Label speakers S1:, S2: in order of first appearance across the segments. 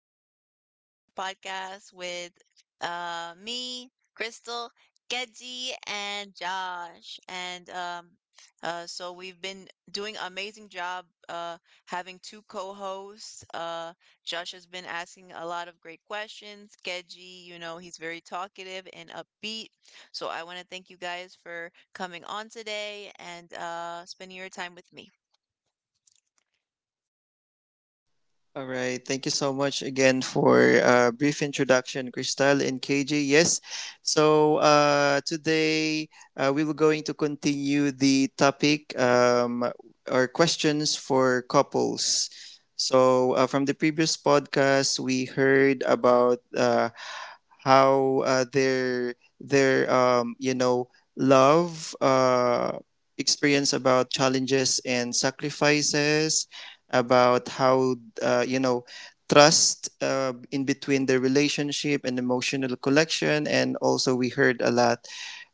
S1: Welcome to another podcast with me, Crystal, Keji, and Josh. And so we've been doing an amazing job having two co-hosts. Josh has been asking a lot of great questions. Keji, you know, he's very talkative and upbeat. So I want to thank you guys for coming on today and spending your time with me.
S2: All right. Thank you so much again for a brief introduction, Crystal and KJ. Yes. So today we will going to continue the topic, or questions for couples. From the previous podcast, we heard about how their you know, love experience about challenges and sacrifices about how you know, trust in between the relationship and emotional collection, and also we heard a lot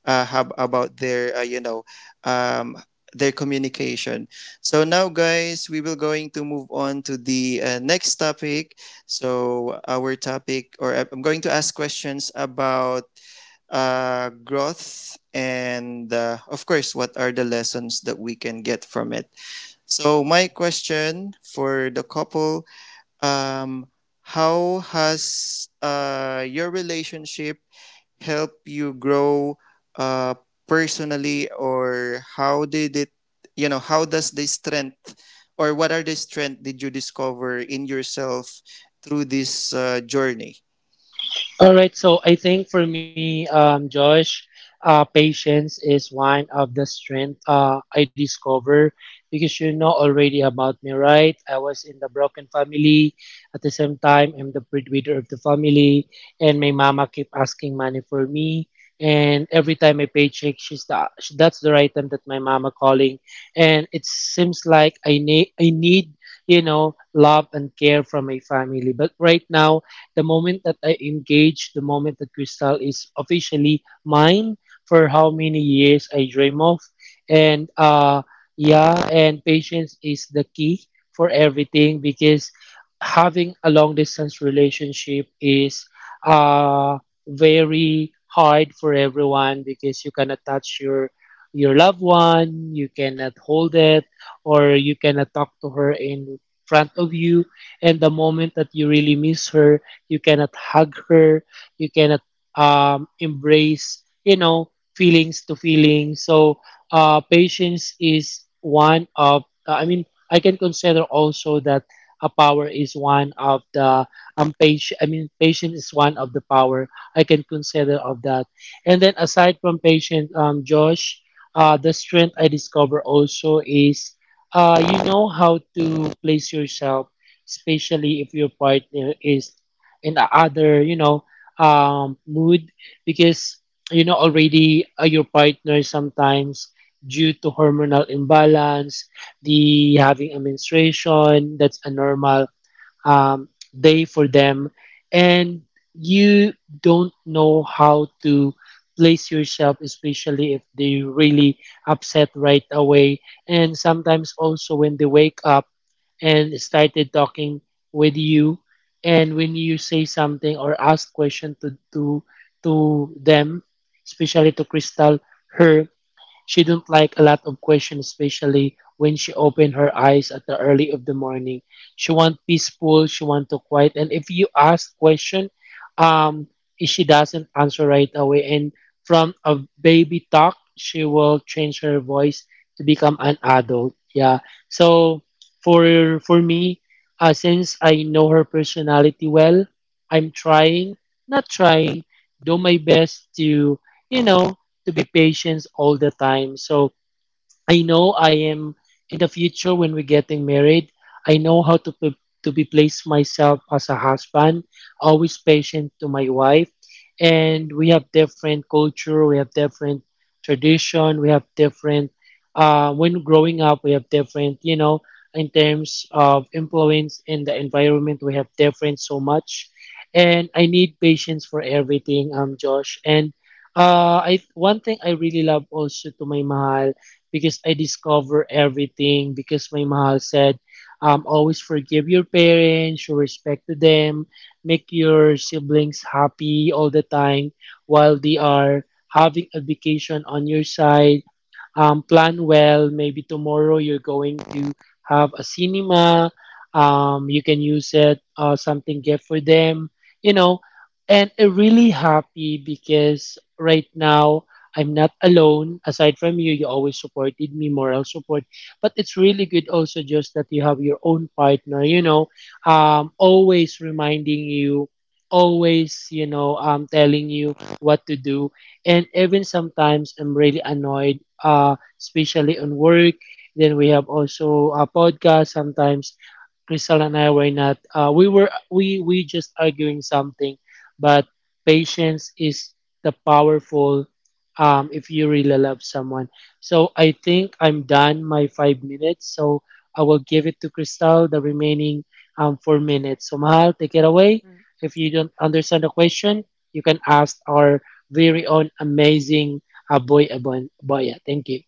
S2: about their you know, um, their communication. So now, guys, we will going to move on to the next topic. So our topic, or I'm going to ask questions about growth and, of course, what are the lessons that we can get from it. So my question for the couple, um, how has, your relationship help you grow, uh, personally? Or how did it, you know, how does the strength, or what are the strength did you discover in yourself through this journey?
S3: All right, so I think for me, Josh, patience is one of the strength I discover because you know already about me, right? I was in the broken family. At the same time, I'm the breadwinner of the family, and my mama keep asking money for me. And every time I paycheck, that's the right time that my mama calling, and it seems like I need you know love and care from my family. But right now the moment that I engage, the moment that Crystal is officially mine for how many years I dream of. And Yeah, and patience is the key for everything because having a long distance relationship is uh, very hard for everyone because you cannot touch your loved one, you cannot hold it, or you cannot talk to her in front of you, and the moment that you really miss her you cannot hug her, you cannot embrace you know feelings to feelings. So patience is one of I can consider also that a power is one of the patient I mean patience is one of the power I can consider of that. And then aside from patience, Josh, the strength I discover also is, you know, how to place yourself, especially if your partner is in other, you know, mood. Because you know already, your partner sometimes due to hormonal imbalance, the having a menstruation, that's a normal um, day for them. And you don't know how to place yourself, especially if they really upset right away. And sometimes also when they wake up and started talking with you, and when you say something or ask question to them, especially to Crystal, her. She didn't like a lot of questions, especially when she opened her eyes at the early of the morning. She want peaceful, she want to quiet. And if you ask question, um, she doesn't answer right away. And from a baby talk, she will change her voice to become an adult. Yeah. So for me, since I know her personality well, I'm trying, not trying, do my best to, you know, to be patient all the time. So I know I am in the future when we're getting married. I know how to to be place myself as a husband, always patient to my wife, and we have different culture, we have different tradition, we have different. When growing up, we have different, you know, in terms of influence in the environment, we have different so much, and I need patience for everything, Josh, and. I One thing I really love also to my mahal because I discover everything, because my mahal said, always forgive your parents, show respect to them, make your siblings happy all the time while they are having a vacation on your side. Um, plan well. Maybe tomorrow you're going to have a cinema. You can use it something gift for them, you know. And I'm really happy because right now I'm not alone. Aside from you, you always supported me, moral support. But it's really good also just that you have your own partner, you know, always reminding you, always, you know, telling you what to do. And even sometimes I'm really annoyed, especially on work. Then we have also a podcast sometimes Crystal and I were not. We were we just arguing something, but patience is the powerful. If you really love someone, so I think I'm done my 5 minutes. So I will give it to Crystal the remaining 4 minutes. So Mahal, take it away. If you don't understand the question, you can ask our very own amazing boy Aboya. Thank you.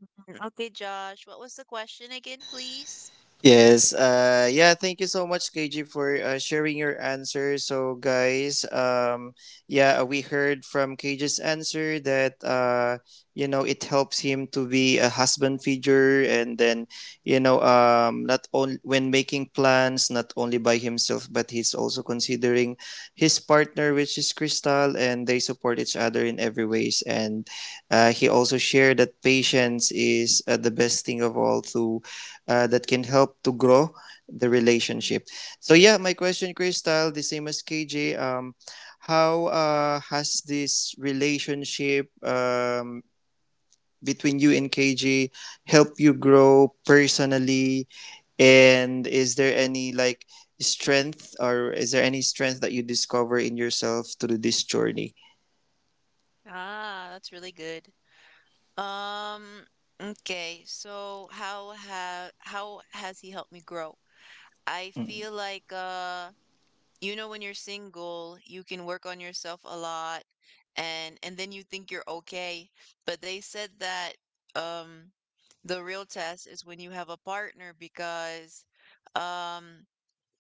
S1: Mm, okay, Josh, what was the question again, please?
S2: Yes. Yeah. Thank you so much, KG, for sharing your answer. So, guys, yeah, we heard from KG's answer that, you know, it helps him to be a husband figure, and then, you know, not only when making plans, not only by himself, but he's also considering his partner, which is Crystal, and they support each other in every ways. And he also shared that patience is, the best thing of all to, that can help to grow the
S1: Mm.
S2: relationship. So yeah, my question, Crystal, the same as KJ. How has this relationship, between you and KJ help you grow personally? And is there any like strength, or is there any strength that you discover in yourself through this journey?
S1: Ah, that's really good. Um, okay, so how has he helped me grow? I feel like you know when you're single, you can work on yourself a lot and then you think you're okay. But they said that um the real test is when you have a partner because um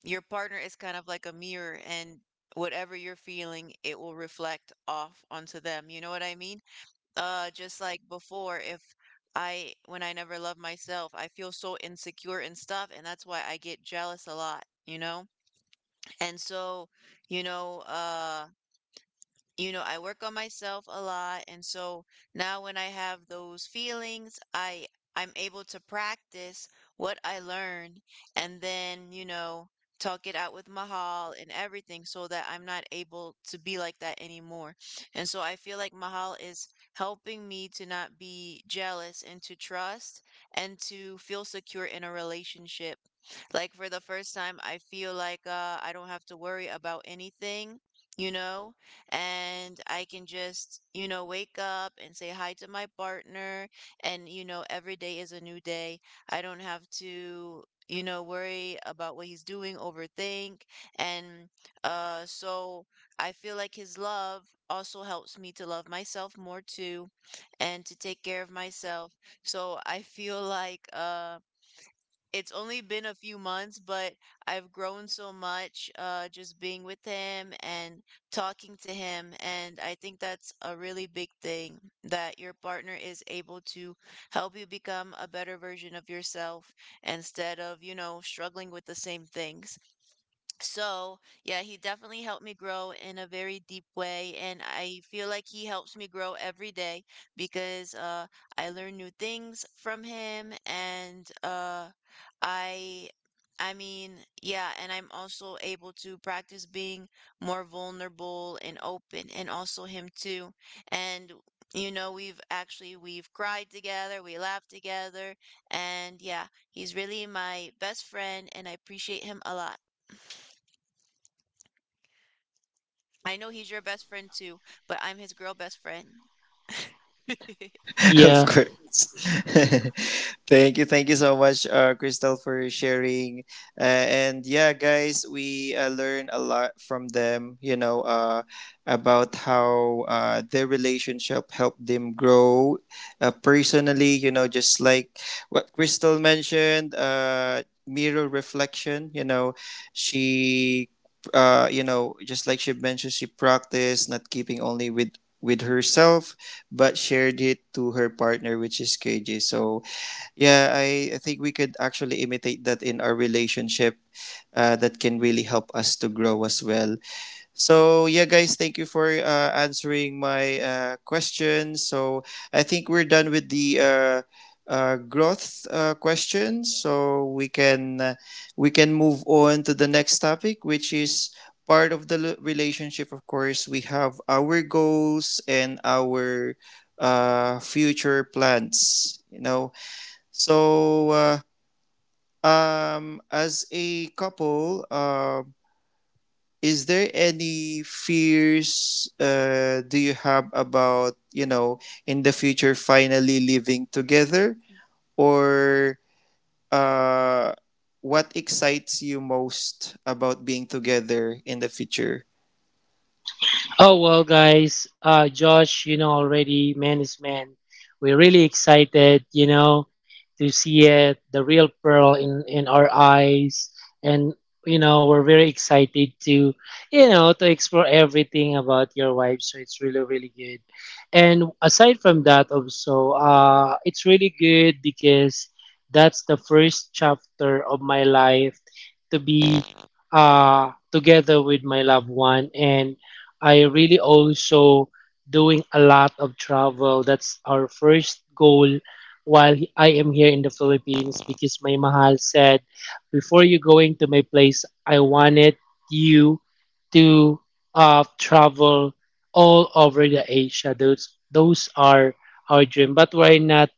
S1: your partner is kind of like a mirror, and whatever you're feeling, it will reflect off onto them. You know what I mean? Just like before, if I, when I never love myself, I feel so insecure and stuff, and that's why I get jealous a lot, you know? And you know, uh, you know, I work on myself a lot, and so now when I have those feelings, I'm able to practice what I learned and then, you know, talk it out with Mahal and everything so that I'm not able to be like that anymore. And so I feel like Mahal is helping me to not be jealous and to trust and to feel secure in a relationship. Like for the first time, I feel like I don't have to worry about anything, you know? And I can just, you know, wake up and say hi to my partner. And, you know, every day is a new day. I don't have to, you know, worry about what he's doing, overthink. And so I feel like his love also helps me to love myself more too and to take care of myself. So I feel like, it's only been a few months, but I've grown so much just being with him and talking to him. And I think that's a really big thing that your partner is able to help you become a better version of yourself instead of, you know, struggling with the same things. So, yeah, he definitely helped me grow in a very deep way. And I feel like he helps me grow every day because I learn new things from him. And I, I mean, yeah, and I'm also able to practice being more vulnerable and open, and also him too. And you know, we've cried together, we laughed together, and yeah, he's really my best friend, and I appreciate him a lot. I know he's your best friend too, but I'm his girl best friend.
S2: Of
S3: Yeah.
S2: course. Thank you, thank you so much, Crystal, for sharing. Uh, and yeah, guys, we learn a lot from them. You know, about how their relationship helped them grow, personally. You know, just like what Crystal mentioned, mirror reflection. She. You know, just like she mentioned, she practiced not keeping only with herself, but shared it to her partner, which is KJ. So yeah, I think we could actually imitate that in our relationship. That can really help us to grow as well. So yeah, guys, thank you for answering my question. So I think we're done with the growth question. So we can move on to the next topic, which is part of the relationship. Of course, we have our goals and our future plans. You know, so. Um, as a couple, is there any fears do you have about, you know, in the future finally living together, or uh, what excites you most about being together in the future?
S3: Oh well, guys. Josh, you know already, man is man. We're really excited, you know, to see it, the real pearl in our eyes, and you know we're very excited to, you know, to explore everything about your wife. So it's really really good. And aside from that, also, it's really good because that's the first chapter of my life to be together with my loved one, and I really also doing a lot of travel. That's our first goal while I am here in the Philippines, because my mahal said, before you going to my place, I wanted you to travel all over the Asia. Those are our dream, but we're not.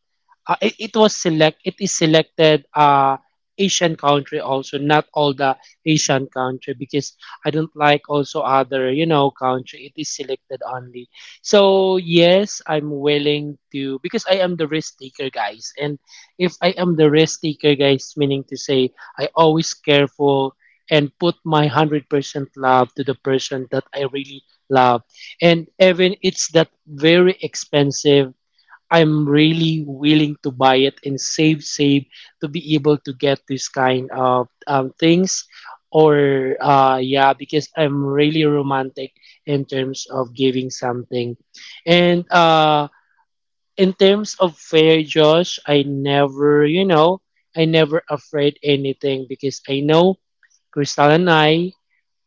S3: It is selected Asian country also, not all the Asian country, because I don't like also other, you know, country. It is selected only. So yes, I'm willing to, because I am the risk taker, guys. And if I am the risk taker, guys, meaning to say I always careful and put my 100% love to the person that I really love. And even it's that very expensive, I'm really willing to buy it and save, save to be able to get this kind of things. Or, yeah, because I'm really romantic in terms of giving something. And in terms of fair, Josh, I never, you know, I never afraid anything, because I know Crystal and I,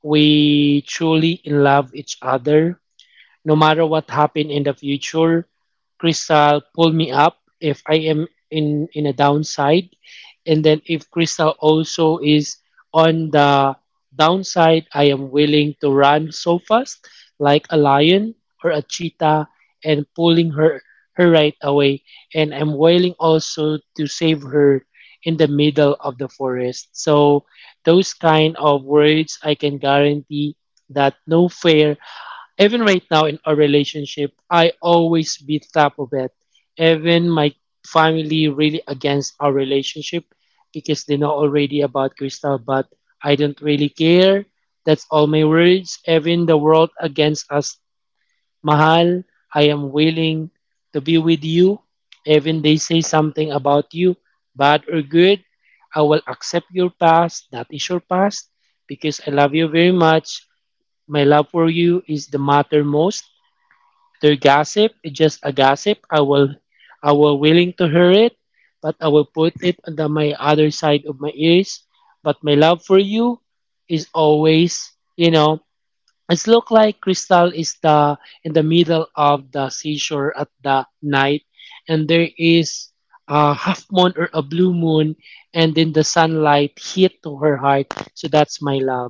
S3: we truly in love each other. No matter what happened in the future, Crystal pull me up if I am in a downside, and then if Crystal also is on the downside, I am willing to run so fast like a lion or a cheetah and pulling her right away, and I'm willing also to save her in the middle of the forest. So those kind of words, I can guarantee that no fair even right now in our relationship, I always be top of it. Even my family really against our relationship because they know already about Crystal, but I don't really care. That's all my words. Even the world against us, Mahal, I am willing to be with you. Even they say something about you, bad or good, I will accept your past. That is your past because I love you very much. My love for you is the matter most. Their gossip is just a gossip. I will willing to hear it, but I will put it on the, my other side of my ears. But my love for you is always, you know, it's look like Crystal is the in the middle of the seashore at the night, and there is a half moon or a blue moon, and then the sunlight hit to her heart. So that's my love.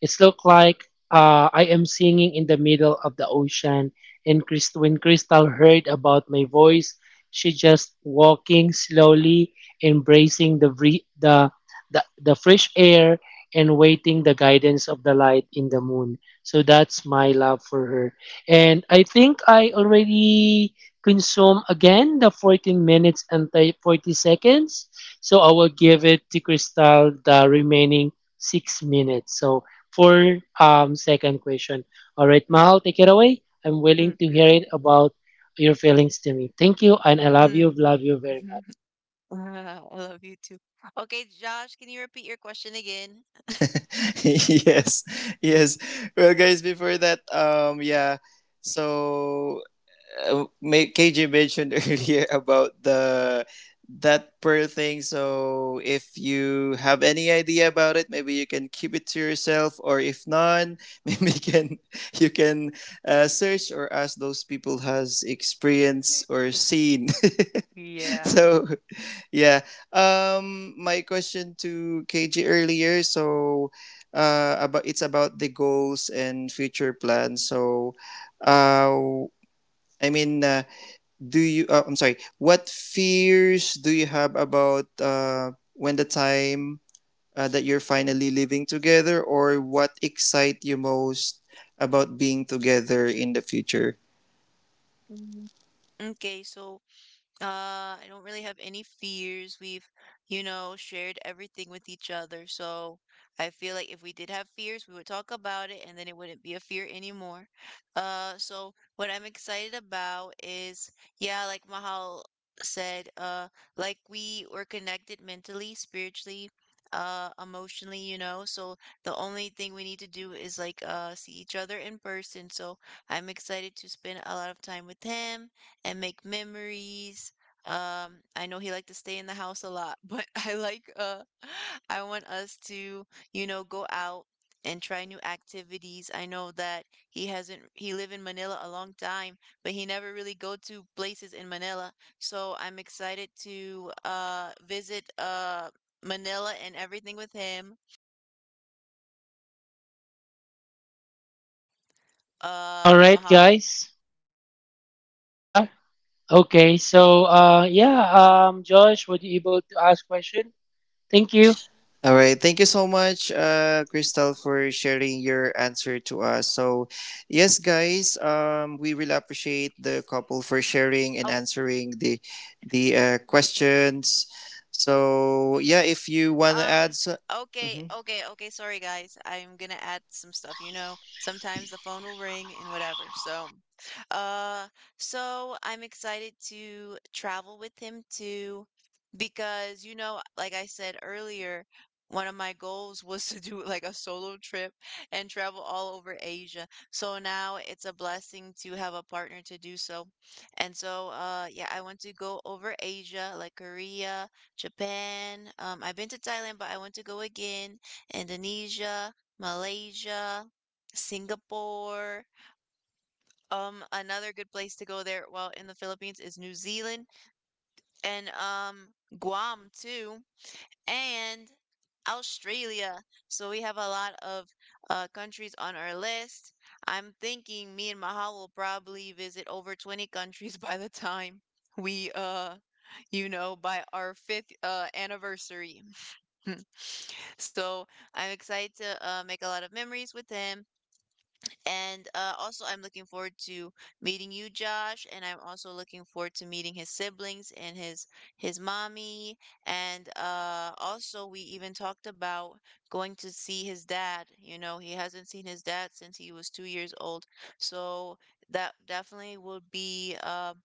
S3: It's look like I am singing in the middle of the ocean, and when Crystal heard about my voice, she just walking slowly, embracing the fresh air and waiting the guidance of the light in the moon. So that's my love for her. And I think I already consume again the 14 minutes and 40 seconds. So I will give it to Crystal the remaining 6 minutes. So for second question. All right, Mahal, take it away. I'm
S1: Mm,
S3: willing to hear it about your feelings to me. Thank you and I love you.
S1: mm.
S3: Love you very
S1: Mhm.
S3: much.
S1: Ah, I love you too. Okay, Josh, can you repeat your question again?
S2: Yes, yes. Well guys before that yeah so may- KJ mentioned earlier about the that per thing. So if you have any idea about it, maybe you can keep it to yourself, or if not, maybe you can search or ask those people has experienced or seen.
S1: Yeah.
S2: So yeah, my question to KJ earlier. So about, it's about the goals and future plans. So uh, I mean, uh, I'm sorry, what fears do you have about, when the time that you're finally living together, or what excite you most about being together in the future?
S1: Mhm. Okay, so I don't really have any fears. We've, you know, shared everything with each other. So I feel like if we did have fears, we would talk about it and then it wouldn't be a fear anymore. So what I'm excited about is, yeah, like Mahal said, like we were connected mentally, spiritually, emotionally, you know. So the only thing we need to do is like see each other in person. So I'm excited to spend a lot of time with him and make memories. I know he liked to stay in the house a lot, but I like I want us to, you know, go out and try new activities. I know that he hasn't he lived in Manila a long time, but he never really go to places in Manila. So I'm excited to visit Manila and everything with him. Uh,
S3: All right,
S1: Mahal.
S3: guys. Yeah. Okay. So yeah, Josh, were you able to ask question? Thank you.
S2: All right, thank you so much, Crystal, for sharing your answer to us. So yes, guys, we really appreciate the couple for sharing and
S1: Oh,
S2: answering the questions. So yeah, if you want to add
S1: um, okay,
S2: mm-hmm.
S1: Sorry, guys. I'm gonna add some stuff. You know, sometimes the phone will ring and whatever. So, uh, so I'm excited to travel with him too, because, you know, like I said earlier, one of my goals was to do like a solo trip and travel all over Asia. So now it's a blessing to have a partner to do so. And so, yeah, I want to go over Asia, like Korea. Japan. I've been to Thailand, but I want to go again. Indonesia, Malaysia, Singapore. Another good place to go there while in the Philippines is New Zealand and Guam too, and Australia. So we have a lot of countries on our list. I'm thinking me and Mahal will probably visit over 20 countries by the time we you know by our fifth anniversary. Hmm. So I'm excited to make a lot of memories with him. And also, I'm looking forward to meeting you, Josh. And I'm also looking forward to meeting his siblings and his mommy. And also, we even talked about going to see his dad. You know, he hasn't seen his dad since he was 2 years old. So that definitely will be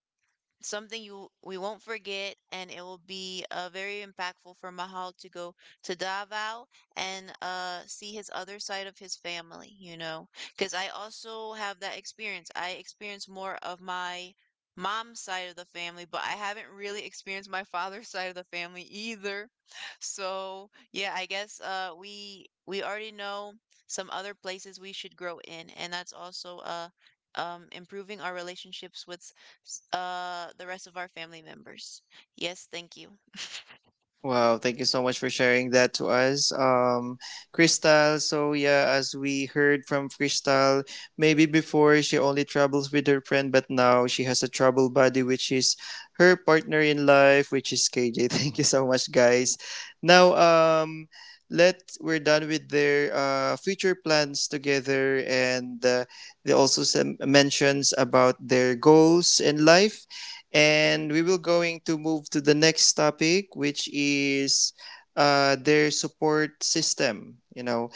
S1: something you we won't forget and it will be very impactful for Mahal to go to Davao and see his other side of his family, you know, because I also have that experience. I experienced more of my mom's side of the family, but I haven't really experienced my father's side of the family either. So, yeah, I guess we already know some other places we should grow in, and that's also improving our relationships with the rest of our family members. Yes, thank you.
S2: Wow, thank you so much for sharing that to us, Crystal. So yeah, as we heard from Crystal, maybe before she only travels with her friend, but now she has a trouble buddy, which is her partner in life, which is KJ. Thank you so much, guys. Now, let, we're done with their future plans together, and, uh, they also mentions about their goals in life, and we will going to move to the next topic, which is their support system, you know.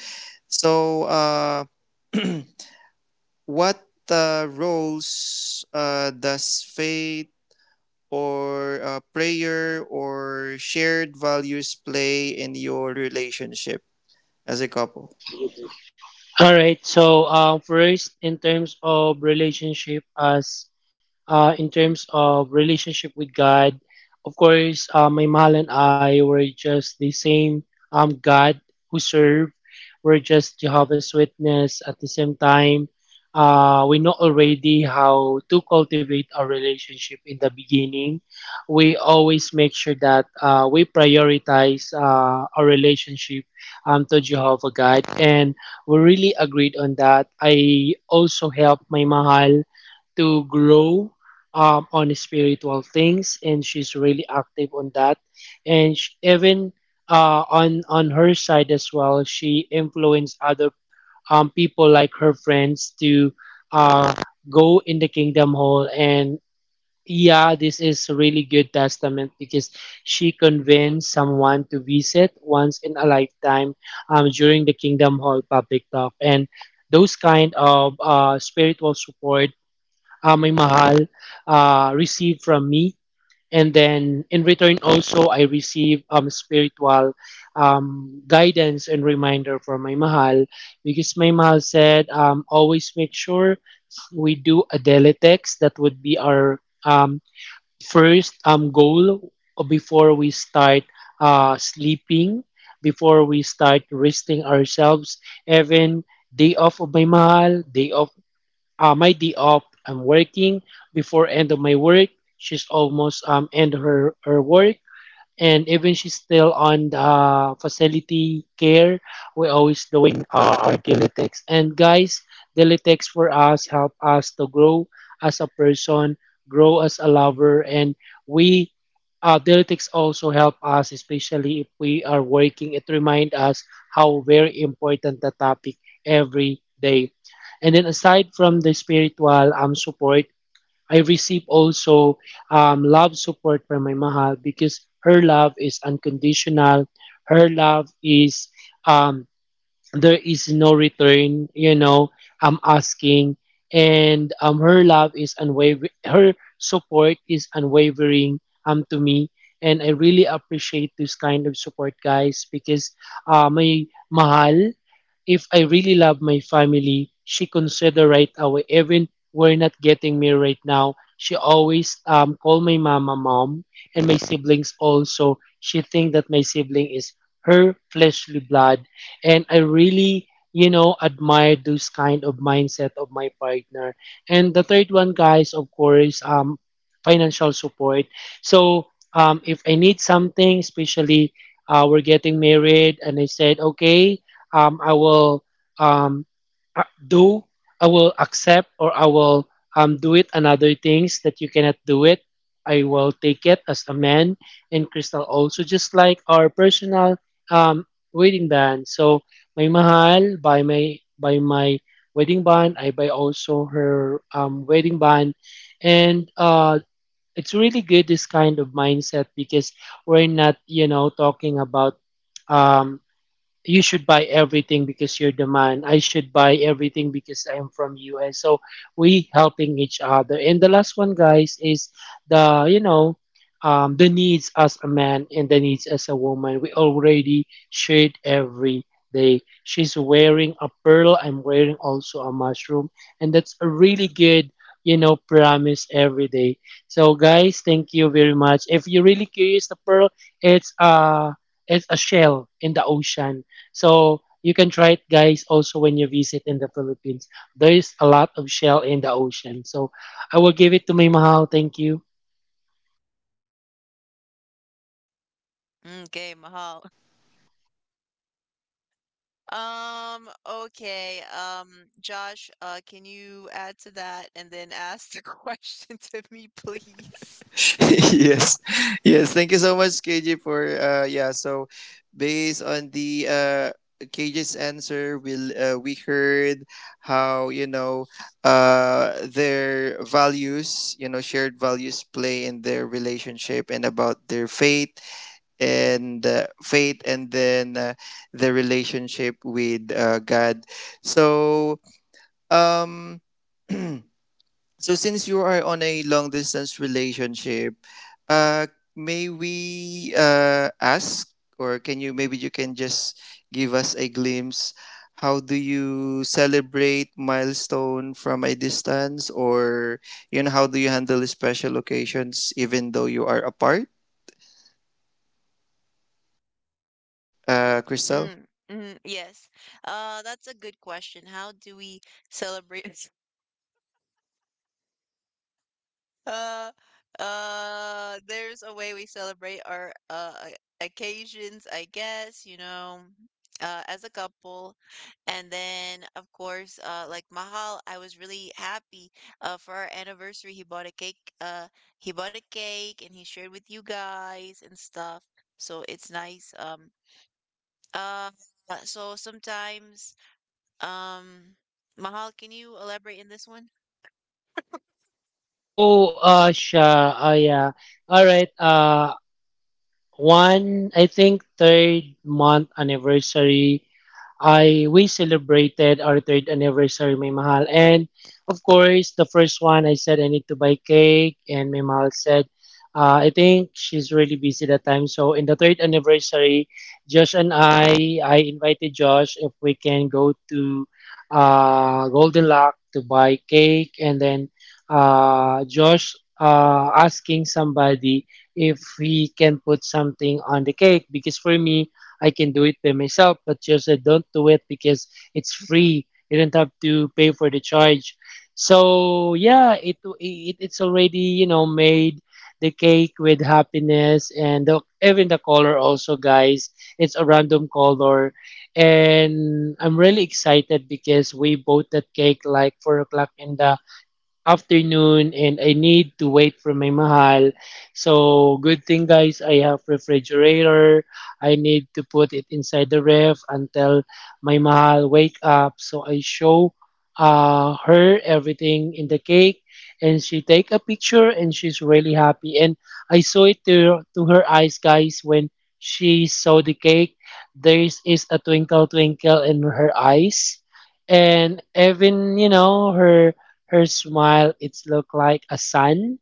S2: So, what roles does faith or prayer or shared values play in your relationship as a couple?
S3: All right. So, first, in terms of relationship, as in terms of relationship with God, of course, my mahal and I were just the same God who serve. We're just Jehovah's Witness. At the same time, we know already how to cultivate our relationship in the beginning. We always make sure that we prioritize our relationship to Jehovah God, and we really agreed on that. I also helped my mahal to grow on spiritual things, and she's really active on that. And sh even on her side as well, she influenced other people like her friends to, uh, go in the kingdom hall, and yeah, this is a really good testament because she convinced someone to visit once in a lifetime during the Kingdom Hall public talk. And those kind of spiritual support, my mahal, received from me. And then in return, also, I receive spiritual guidance and reminder from my mahal, because my mahal said, always make sure we do a daily text. That would be our first goal before we start sleeping, before we start resting ourselves, even day off of my mahal, day off my day off I'm working before end of my work. She's almost end her work, and even she's still on facility care, we're always doing our Dilitex. And guys, Dilitex for us help us to grow as a person, grow as a lover, and we Dilitex also help us, especially if we are working. It remind us how very important the topic every day. And then aside from the spiritual support, I receive also love support from my mahal because her love is unconditional. Her love is um, there is no return. I'm asking, and her love is unwavering. Her support is unwavering to me, and I really appreciate this kind of support, guys, because my mahal, if I really love my family, she consider right away. Even we're not getting married right now, she always call my mama mom and my siblings also. She think that my sibling is her fleshly blood, and I really admire those kind of mindset of my partner. And the third one, guys, of course, financial support. So if I need something, especially we're getting married and I said, okay, I will um, do, I will accept, or I will do it. Another things that you cannot do it. I will take it as a man, and Crystal also, just like our personal um, wedding band. So, my mahal by my wedding band, I buy also her wedding band, and it's really good this kind of mindset because we're not talking about um, you should buy everything because you're the man. I should buy everything because I'm from US. So we helping each other. And the last one, guys, is the the needs as a man and the needs as a woman. We already shared every day. She's wearing a pearl. I'm wearing also a mushroom, and that's a really good promise every day. So guys, thank you very much. If you're really curious, the pearl, it's it's a shell in the ocean. So you can try it, guys, also when you visit in the Philippines. There is a lot of shell in the ocean. So I will give it to May Mahal. Thank you.
S1: Okay, Mahal. Okay. Josh, can you add to that and then ask the question to me, please?
S2: Yes, yes, thank you so much, KJ, for based on the KJ's answer, we heard how, you know, their values, you know, shared values play in their relationship, and about their faith, and the relationship with God. So um so since you are on a long distance relationship, uh, may we ask, or can you, maybe you can just give us a glimpse? How do you celebrate milestone from a distance, or you know, how do you handle special occasions even though you are apart, Crystal?
S1: Mm, mm, yes. That's a good question. How do we celebrate? Uh, there's a way we celebrate our occasions, I guess, you know, as a couple. And then, of course, like Mahal, I was really happy for our anniversary. He bought a cake, and he shared with you guys and stuff. So it's nice. Uh, so sometimes, um, Mahal, can you elaborate in this one?
S3: Oh, siya. Oh, yeah. All right. One, I think, third month anniversary, I we celebrated our third anniversary, may mahal. And of course, the first one I said I need to buy cake, and may mahal said, I think she's really busy that time. So in the third anniversary, Josh and I invited Josh if we can go to Golden Lock to buy cake, and then Josh asking somebody if he can put something on the cake because for me I can do it by myself, but just I don't do it because it's free. You don't have to pay for the charge. So yeah, it's already made the cake with happiness and the, even the color also, guys. It's a random color, and I'm really excited because we bought that cake like 4 o'clock in the afternoon and I need to wait for my mahal. So good thing guys, I have refrigerator. I need to put it inside the ref until my mahal wake up. So I show her everything in the cake and she take a picture and she's really happy. And I saw it to her eyes guys when she saw the cake. There is a twinkle twinkle in her eyes. And even, you know, her her smile, it looked like a sun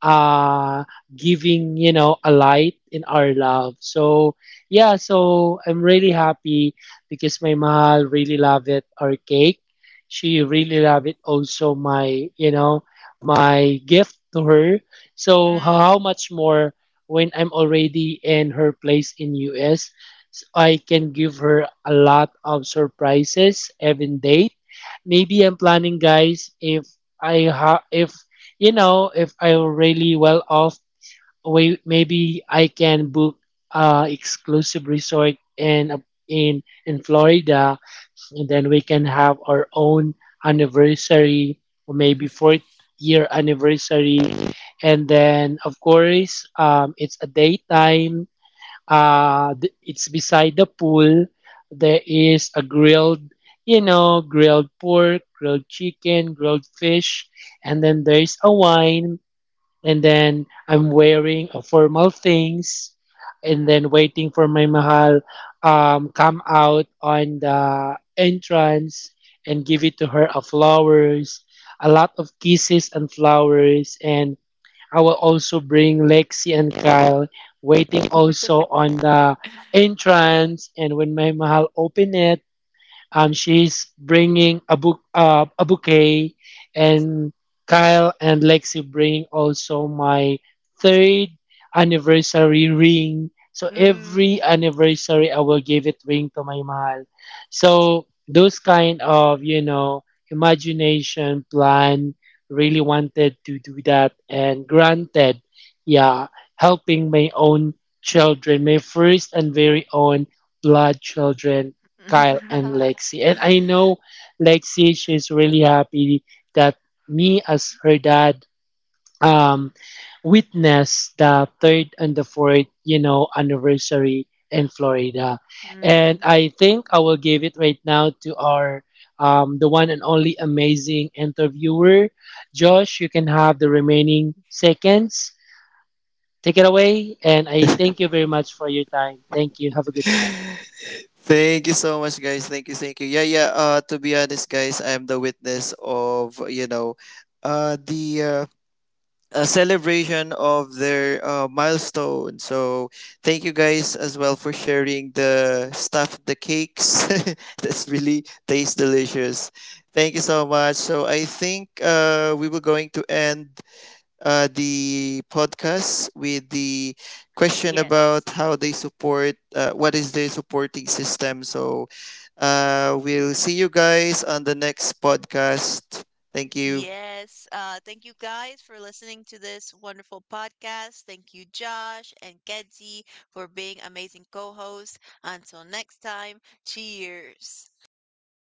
S3: uh giving a light in our love. So yeah, so I'm really happy because my mahal really love it our cake. She really love it also my my gift to her. So how
S1: Mm,
S3: much more when I'm already in her place in US. So I can give her a lot of surprises every date. Maybe I'm planning guys, if if I'm really well off, we, maybe I can book a exclusive resort in Florida, and then we can have our own anniversary, or maybe fourth year anniversary, and then of course, it's a daytime. It's beside the pool. There is a grilled, grilled pork, grilled chicken, grilled fish, and then there's a wine, and then I'm wearing formal things and
S1: mm,
S3: then waiting for my mahal come out on the entrance, and give it to her flowers, a lot of kisses and flowers. And I will also bring Lexi and Kyle waiting also on the entrance, and when my mahal open it, she's bringing a book, a bouquet, and Kyle and Lexi bring also my third anniversary ring. So every
S1: mm.
S3: anniversary, I will give it ring to my mahal. So those kind of imagination plan really wanted to do that, and granted, yeah, helping my own children, my first and very own blood children Kyle and Lexi. And I know Lexi, she's really happy that me as her dad um, witnessed the third and the fourth, you know, anniversary in Florida. And
S1: Mm.
S3: I think I will give it right now to our the one and only amazing interviewer. Josh, you can have the remaining seconds. Take it away. And I thank you very much for your time. Thank you. Have a good one.
S2: Thank you so much, guys. Thank you, thank you. Yeah, yeah. To be honest, guys, I'm the witness of, you know, the a celebration of their milestone. So thank you guys as well for sharing the stuff, the cakes. That's really tastes delicious. Thank you so much. So I think we were going to end the podcast with the question about
S1: Yes.
S2: how they support, what is their supporting system. So we'll see you guys on the next podcast. Thank you.
S1: Yes. Thank you guys for listening to this wonderful podcast. Thank you, Josh and Kedzi, for being amazing co hosts. Until next time, cheers.